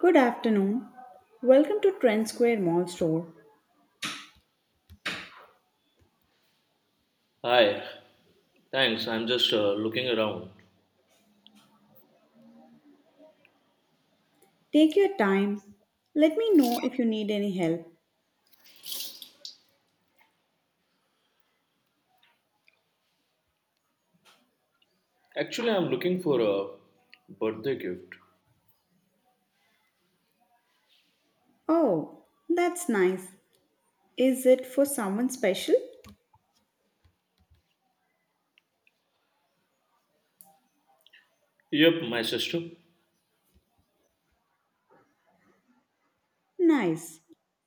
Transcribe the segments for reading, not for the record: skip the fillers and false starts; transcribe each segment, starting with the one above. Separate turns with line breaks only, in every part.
Good afternoon. Welcome to Trend Square Mall Store.
Hi, thanks. I'm just looking around.
Take your time. Let me know if you need any help.
Actually, I'm looking for a birthday gift.
Oh, that's nice. Is it for someone special?
Yep, my sister.
Nice.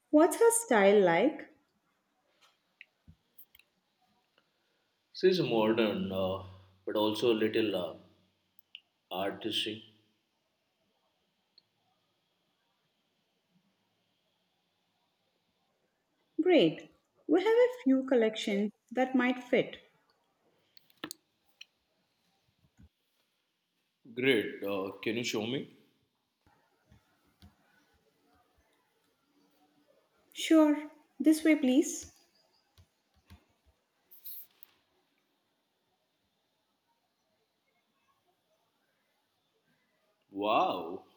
What's her style like?
She's modern, but also a little artisy.
Great. We have a few collections that might fit.
Great. Can you show me?
Sure. This way, please.
Wow,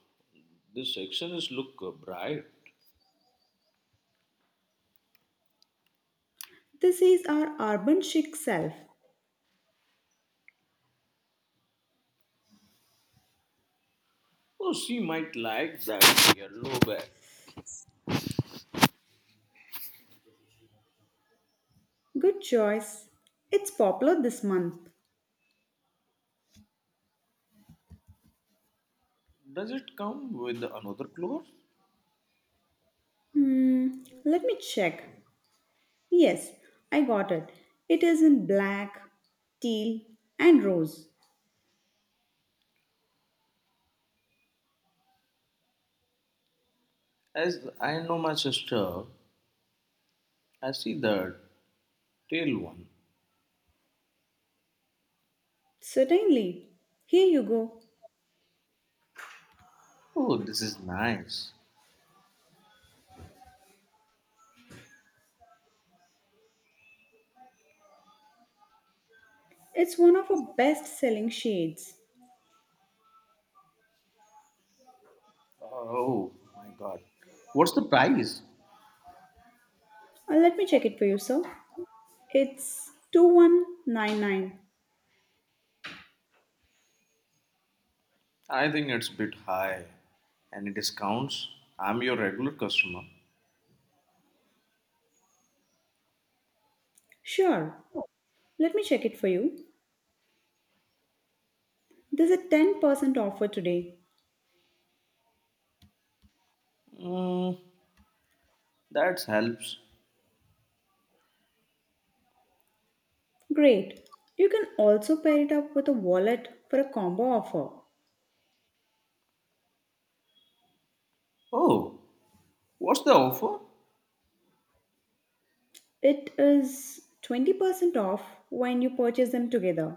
this section is look bright.
This is our urban chic self.
Oh, she might like that yellow bag.
Good choice. It's popular this month.
Does it come with another cloth?
Hmm, let me check. Yes, I got it. It is in black, teal, and rose.
As I know my sister, I see the tail one.
Certainly. Here you go.
Oh, this is nice.
It's one of our best selling shades.
Oh my god. What's the price?
Let me check it for you, sir. It's 2199.
I think it's a bit high. Any discounts? I'm your regular customer.
Sure. Let me check it for you. There's a 10% offer today.
Mm, that helps.
Great. You can also pair it up with a wallet for a combo offer.
Oh, what's the offer?
It is 20% off when you purchase them together.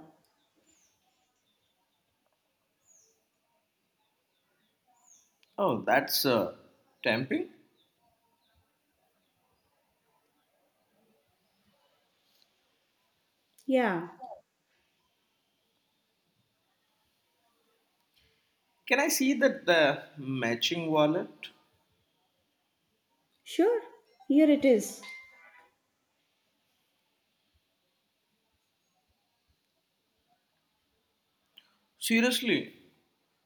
Oh, that's tempting.
Yeah.
Can I see that the matching wallet?
Sure, here it is.
Seriously?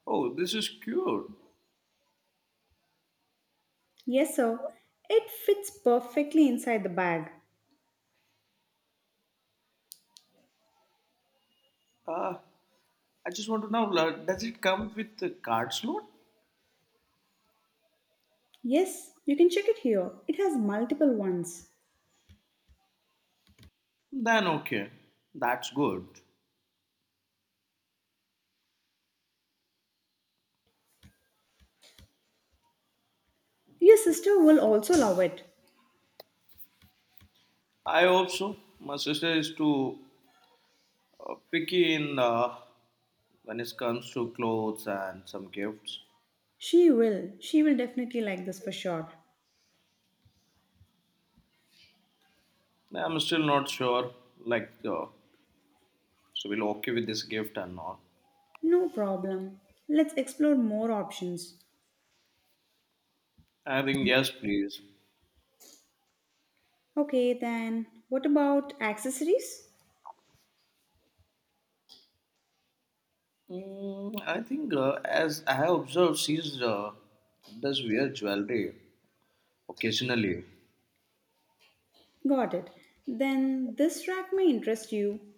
Oh, this is cute.
Yes, sir. It fits perfectly inside the bag.
Uh, I just want to know does it come with the card slot?
Yes, you can check it here. It has multiple ones.
Then okay, that's good.
Your sister will also love it.
I hope so. My sister is to picky in when it comes to clothes and some gifts.
She will. She will definitely like this for sure.
Nah, I'm still not sure, like, so we'll okay with this gift or not.
No problem. Let's explore more options.
I think yes, please.
Okay, then what about accessories?
Mm, I think as I have observed, she's does wear jewelry occasionally.
Got it. Then this rack may interest you.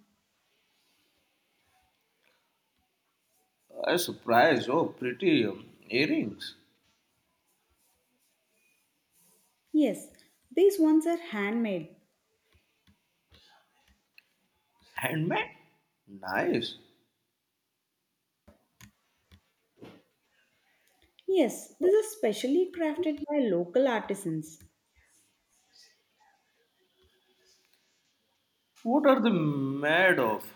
I was surprised. Oh, pretty earrings,
Yes, these ones are handmade.
handmade, nice.
Yes, this is specially crafted by local artisans.
What are they made of?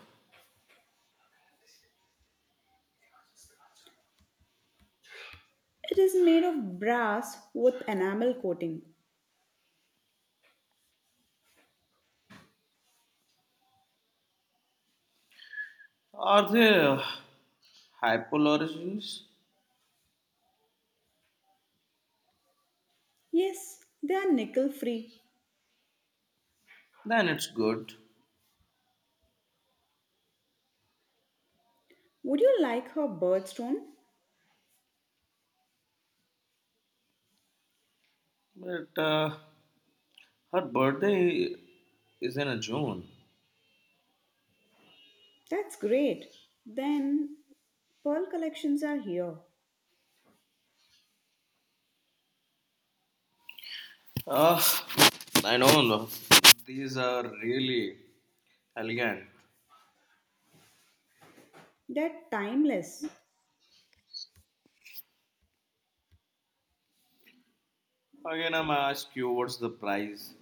It is made of brass with enamel coating.
Are they hypoallergens?
Yes, they are nickel free.
Then it's good.
Would you like her birthstone?
But her birthday is in June.
That's great. Then pearl collections are here.
Uh, I know no, these are really elegant.
They're timeless.
Again, I'm asked you what's the price.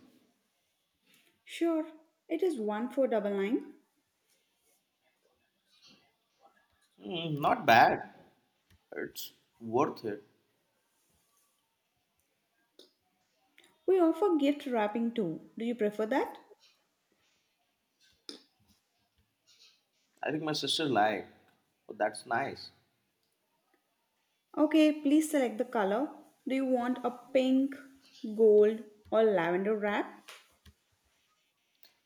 Sure, it is 1499.
Hmm, not bad. It's worth it.
We offer gift wrapping too. Do you prefer that?
I think my sister like. Oh, that's nice.
Okay, please select the color. Do you want a pink, gold, or lavender wrap?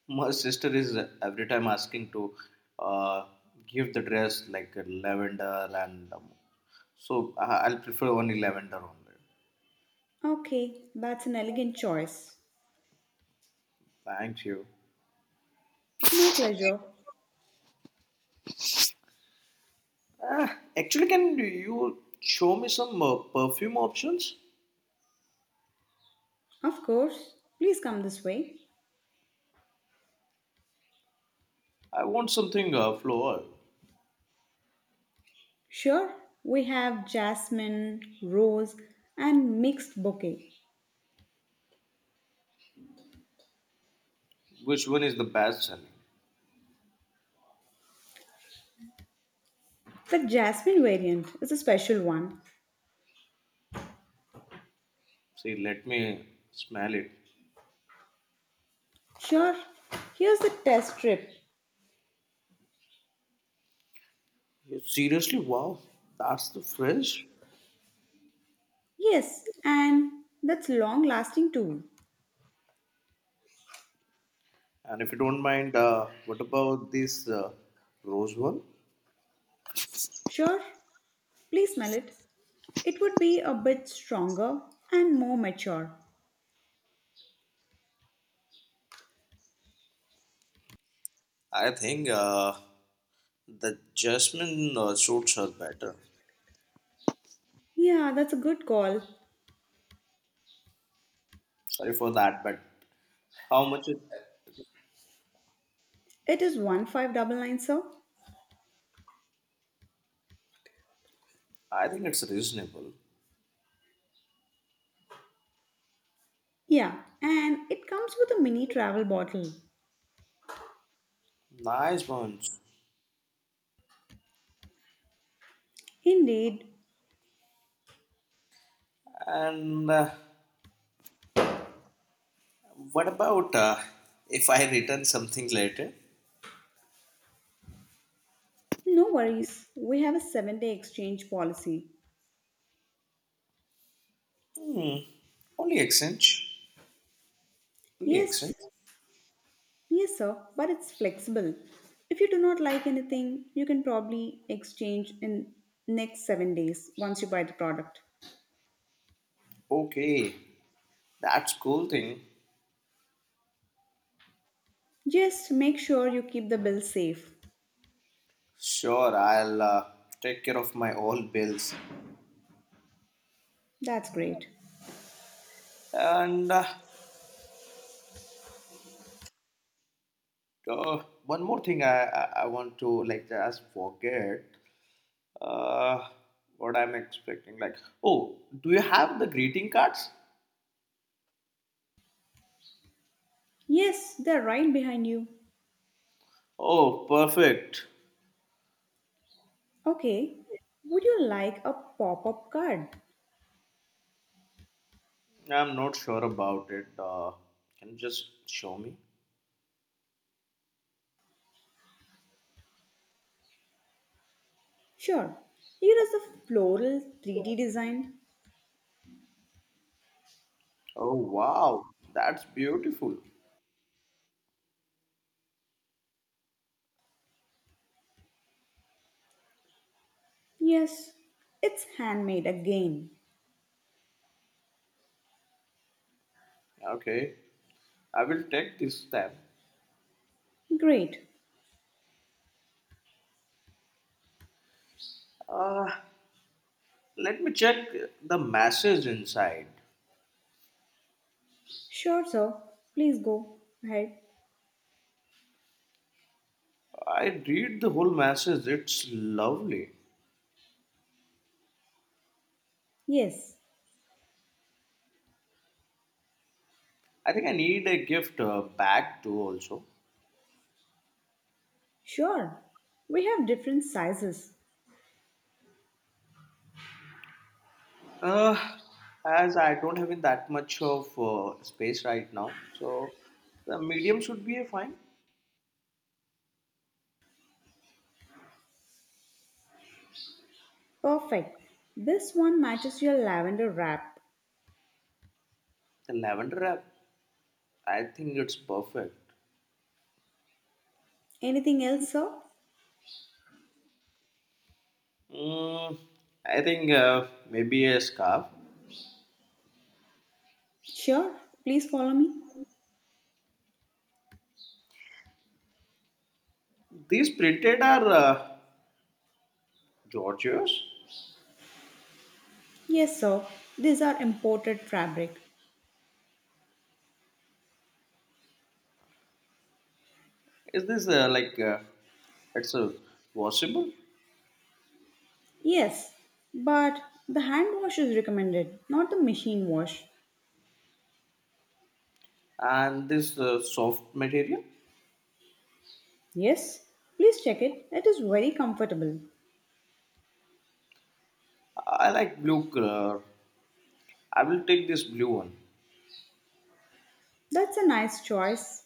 My sister is every time asking to uh, give the dress like a lavender and so I'll prefer only lavender only.
Okay, that's an elegant choice.
Thank you.
My pleasure.
Uh, Actually, can you show me some perfume options?
Of course, please come this way.
I want something floral.
Sure, we have jasmine, rose, and mixed bouquet.
Which one is the best selling?
The jasmine variant is a special one.
See, let me smell it.
Sure, here's the test strip.
Seriously, wow, that's the fresh.
Yes, and that's long lasting too.
And if you don't mind, what about this rose one?
Sure, please smell it. It would be a bit stronger and more mature.
I think the jasmine suits her better.
Yeah, that's a good call.
Sorry for that, but how much it?
It is 1599, sir.
I think it's reasonable.
Yeah, and it comes with a mini travel bottle.
Nice bunch.
Indeed.
And what about if I return something later?
No worries. We have a 7-day exchange policy.
Hmm, only exchange. Only
Yes,
exchange.
yes, sir, but it's flexible. If you do not like anything, you can probably exchange in next 7 days once you buy the product.
Okay, that's cool thing.
Just make sure you keep the bill safe.
Sure, I'll take care of my all bills.
That's great.
And uh, one more thing I want to like just forget uh, what I'm expecting. Like, oh, do you have the greeting cards?
Yes, they're right behind you.
Oh, perfect.
Okay, would you like a pop up card?
I'm not sure about it. Can you just show me?
Sure. Here is a floral 3D design.
Oh wow, that's beautiful.
Yes, it's handmade again.
Okay, I will take this step.
Great.
Uh, Let me check the message inside.
Sure, sir. Please go ahead.
I read the whole message. It's lovely.
Yes,
I think I need a gift bag too. Also,
sure. We have different sizes.
uh, as I don't have in that much of space right now, so the medium should be a fine.
Perfect. This one matches your lavender wrap.
The lavender wrap. I think it's perfect.
Anything else, sir?
Mm, I think maybe a scarf.
Sure. Please follow me.
These printed are Georgios.
Yes, sir. These are imported fabric.
Is this like it's a washable
Yes, but the hand wash is recommended, not the machine wash.
and this soft material?
Yes, please check it. It is very comfortable.
I like blue color. I will take this blue one.
That's a nice choice.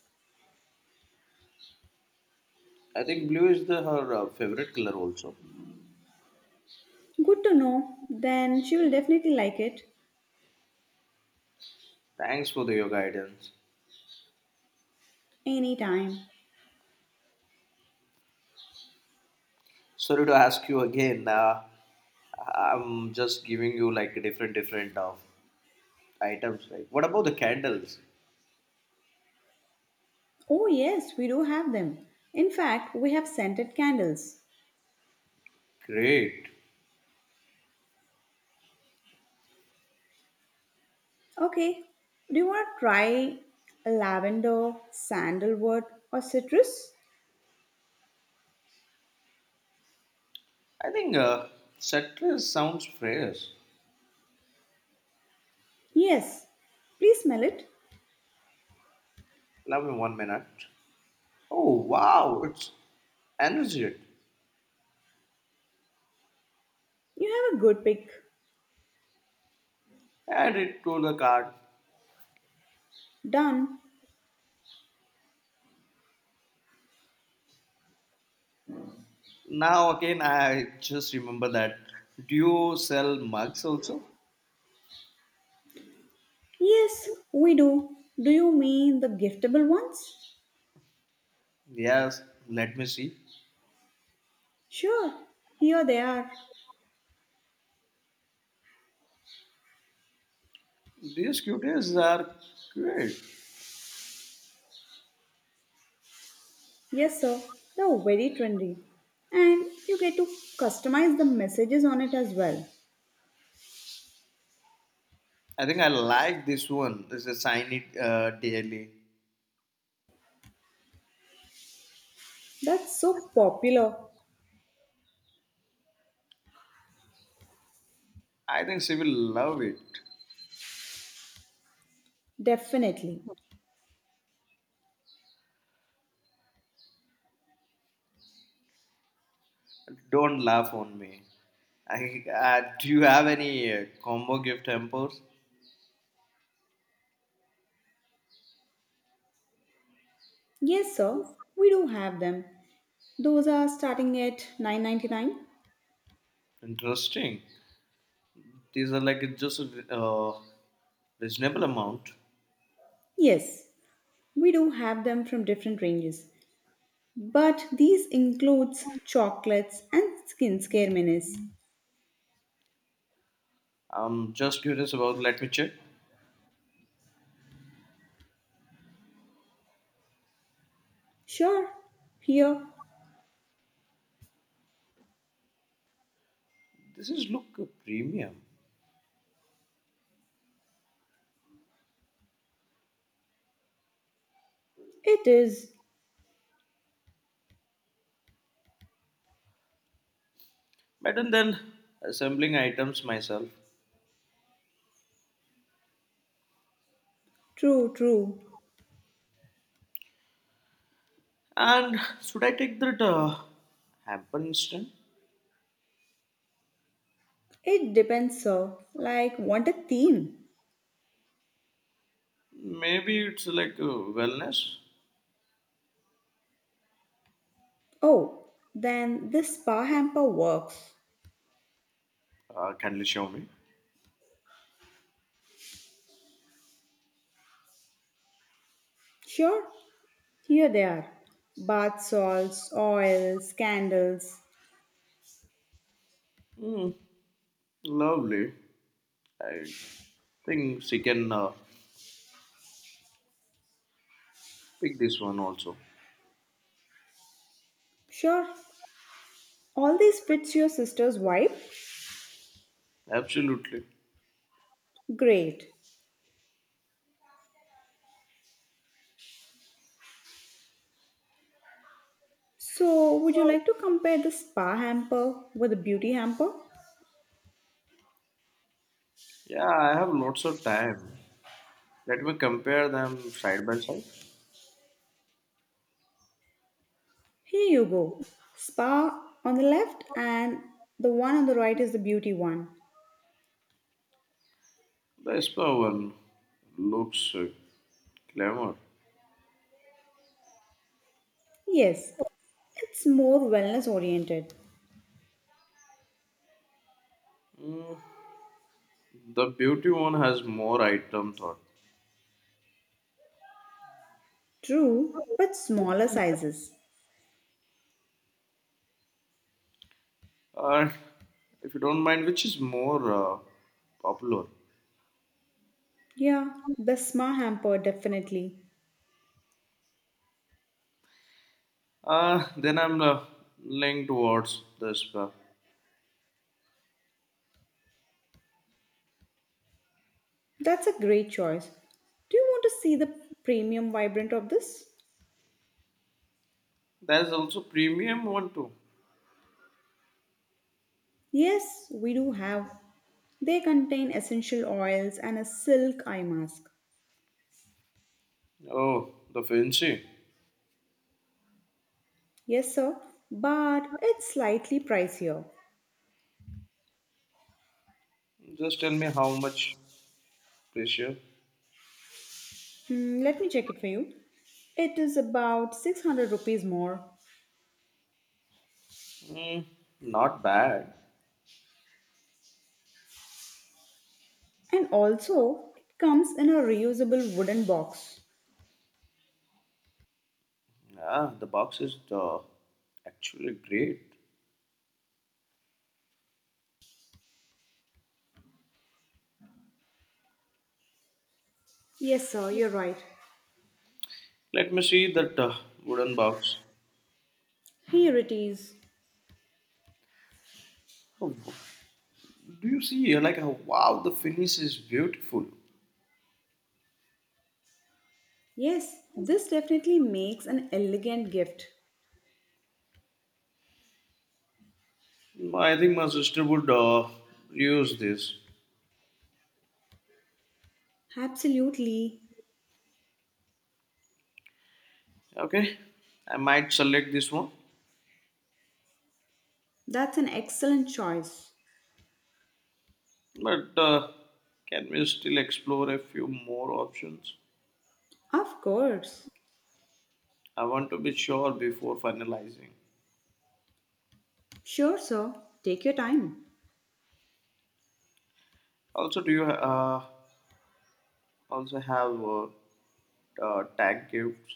I think blue is the her favorite color also.
Good to know. Then she will definitely like it
Thanks for your guidance.
anytime.
Sorry to ask you again. I'm just giving you like different of items. Like what about the candles?
Oh, yes, we do have them. In fact, we have scented candles.
Great.
Okay, do you want to try lavender, sandalwood, or citrus?
I think citrus sounds fresh.
Yes, please smell it.
Allow me one minute. Oh wow, it's energetic.
You have a good pick.
Add it to the cart.
Done.
Now again, I just remember that. Do you sell mugs also?
Yes, we do. Do you mean the giftable ones?
Yes, let me see.
Sure, here they are.
These cuties are great.
Yes, sir, they're very trendy. And you get to customize the messages on it as well.
I think I like this one. This is shiny daily.
That's so popular.
I think she will love it.
Definitely.
Don't laugh on me. Do you have any combo gift hampers?
Yes, sir, we do have them. Those are starting at 9.99.
Interesting. These are like it's just a reasonable amount.
Yes, we do have them from different ranges. But these includes chocolates and skincare minis.
I'm just curious about. Let me check.
Sure, here
This is look premium.
it is.
Better than assembling items myself.
True, true.
And should I take that hamper instant?
It depends, sir. Like, want a theme?
Maybe it's like wellness.
Oh, then this spa hamper works.
Kindly show me.
Sure, here they are. Bath salts, oils, candles.
Mm, lovely. I think she can pick this one also.
Sure, all these fits your sister's wife.
Absolutely.
Great. So, would you like to compare the spa hamper with the beauty hamper?
Yeah, I have lots of time. Let me compare them side by side.
Here you go. Spa on the left, and the one on the right is the beauty one.
The spa one looks glamour.
Yes, it's more wellness oriented.
Mm, the beauty one has more item thought.
True, but smaller sizes.
Uh, if you don't mind, which is more popular?
Yeah, the spa hamper definitely.
Then I'm leaning towards the spa.
That's a great choice. Do you want to see the premium vibrant of this?
There's also premium one too.
Yes, we do have. They contain essential oils and a silk eye mask.
Oh, the fancy.
Yes, sir, but it's slightly pricier.
Just tell me how much pressure.
Hmm, let me check it for you. It is about 600 rupees more.
Mm, not bad.
And also, it comes in a reusable wooden box.
Ah, the box is actually great.
Yes, sir, you're right.
Let me see that wooden box.
Here it is.
Oh, do you see here like how wow the finish is beautiful?
Yes, this definitely makes an elegant gift.
No, I think my sister would use this.
Absolutely.
Okay, I might select this one,
That's an excellent choice.
but can we still explore a few more options?
Of course.
I want to be sure before finalizing.
Sure, sir. Take your time.
Also, do you also have tag gifts?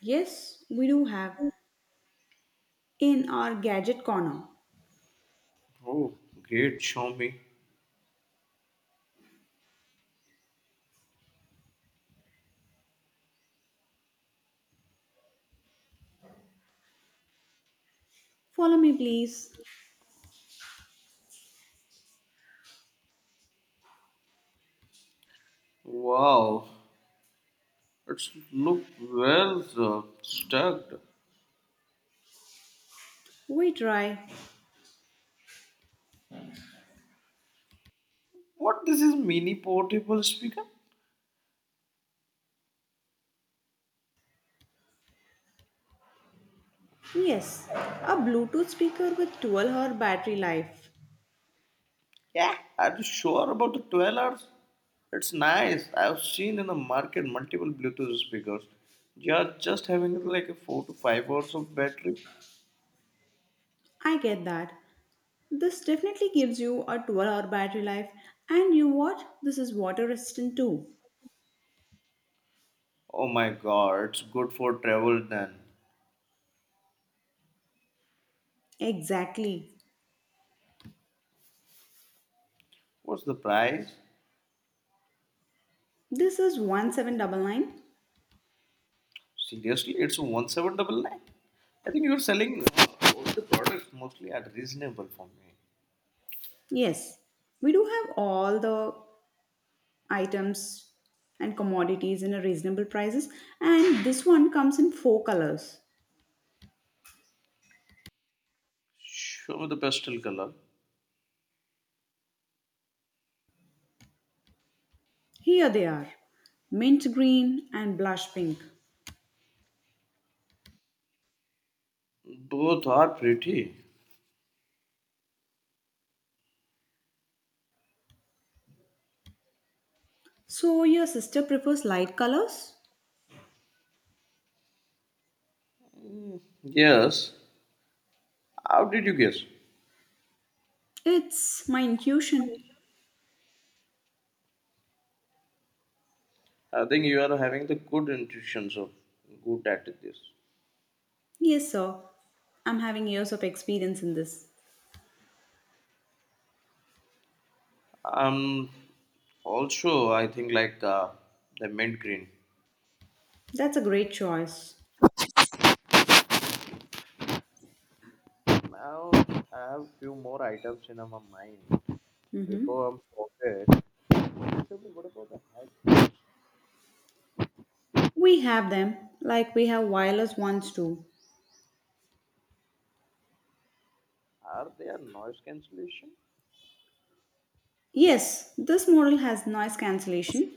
Yes, we do have in our gadget corner.
Oh, great! Show me.
Follow me, please.
Wow, it's look well stuck.
We try.
What this is mini portable speaker?
Yes, a Bluetooth speaker with 12-hour battery life.
Yeah. Are you sure about the 12 hours? It's nice. I've seen in the market multiple Bluetooth speakers. You're just having like a 4 to 5 hours of battery.
I get that. This definitely gives you a 12-hour battery life, and you what? This is water resistant too.
Oh my god, it's good for travel then.
Exactly.
What's the price?
This is 1799.
Seriously, it's 1799? I think you're selling all the products mostly at reasonable for me.
Yes, we do have all the items and commodities in a reasonable prices, and this one comes in four colors.
Show me the pastel color.
Here they are, mint green and blush pink.
Both are pretty.
So, your sister prefers light colors?
Yes. How did you guess?
It's my intuition.
I think you are having the good intuitions of good at this.
Yes, sir. I'm having years of experience in this.
Um, Also, I think like the mint green.
That's a great choice.
Now I have few more items in my mind. Before I'm forget, Shobhi, what about the headphones?
We have them, like we have wireless ones too.
Are they a noise cancellation?
Yes, this model has noise cancellation.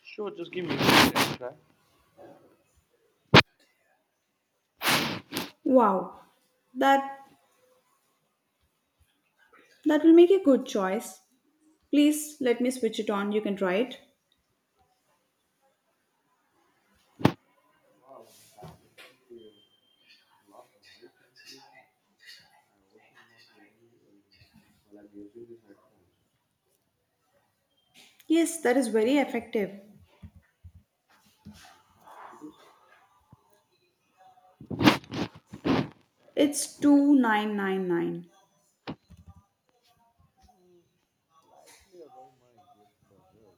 Sure, just give me a second, try.
Wow, that that will make a good choice. Please let me switch it on. You can try it.
Wow, that's actually a lot of noise cancellation. I also not hearing you while I'm using these headphones.
Yes, that is very effective.
How much it is?
It's 2999.
Slightly above my gift budget.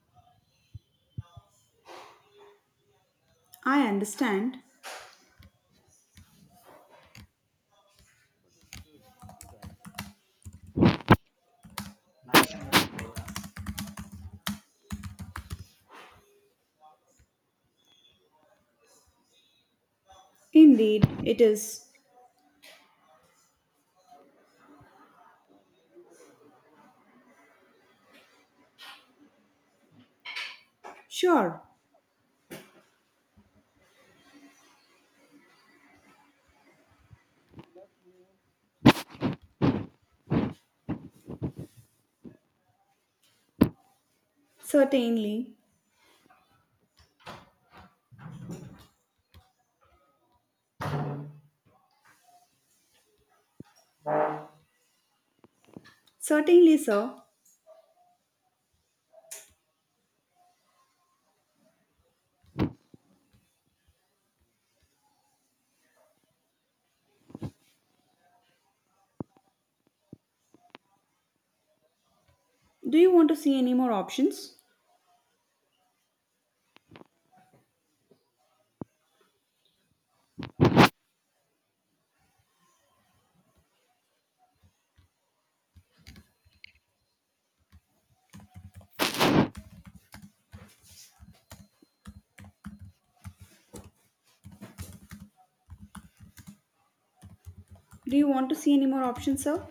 I understand. Indeed, it is.
Uh, Maybe for another version.
Sure. Certainly. Certainly, sir. Do you want to see any more options? Do you want to see any more options, sir?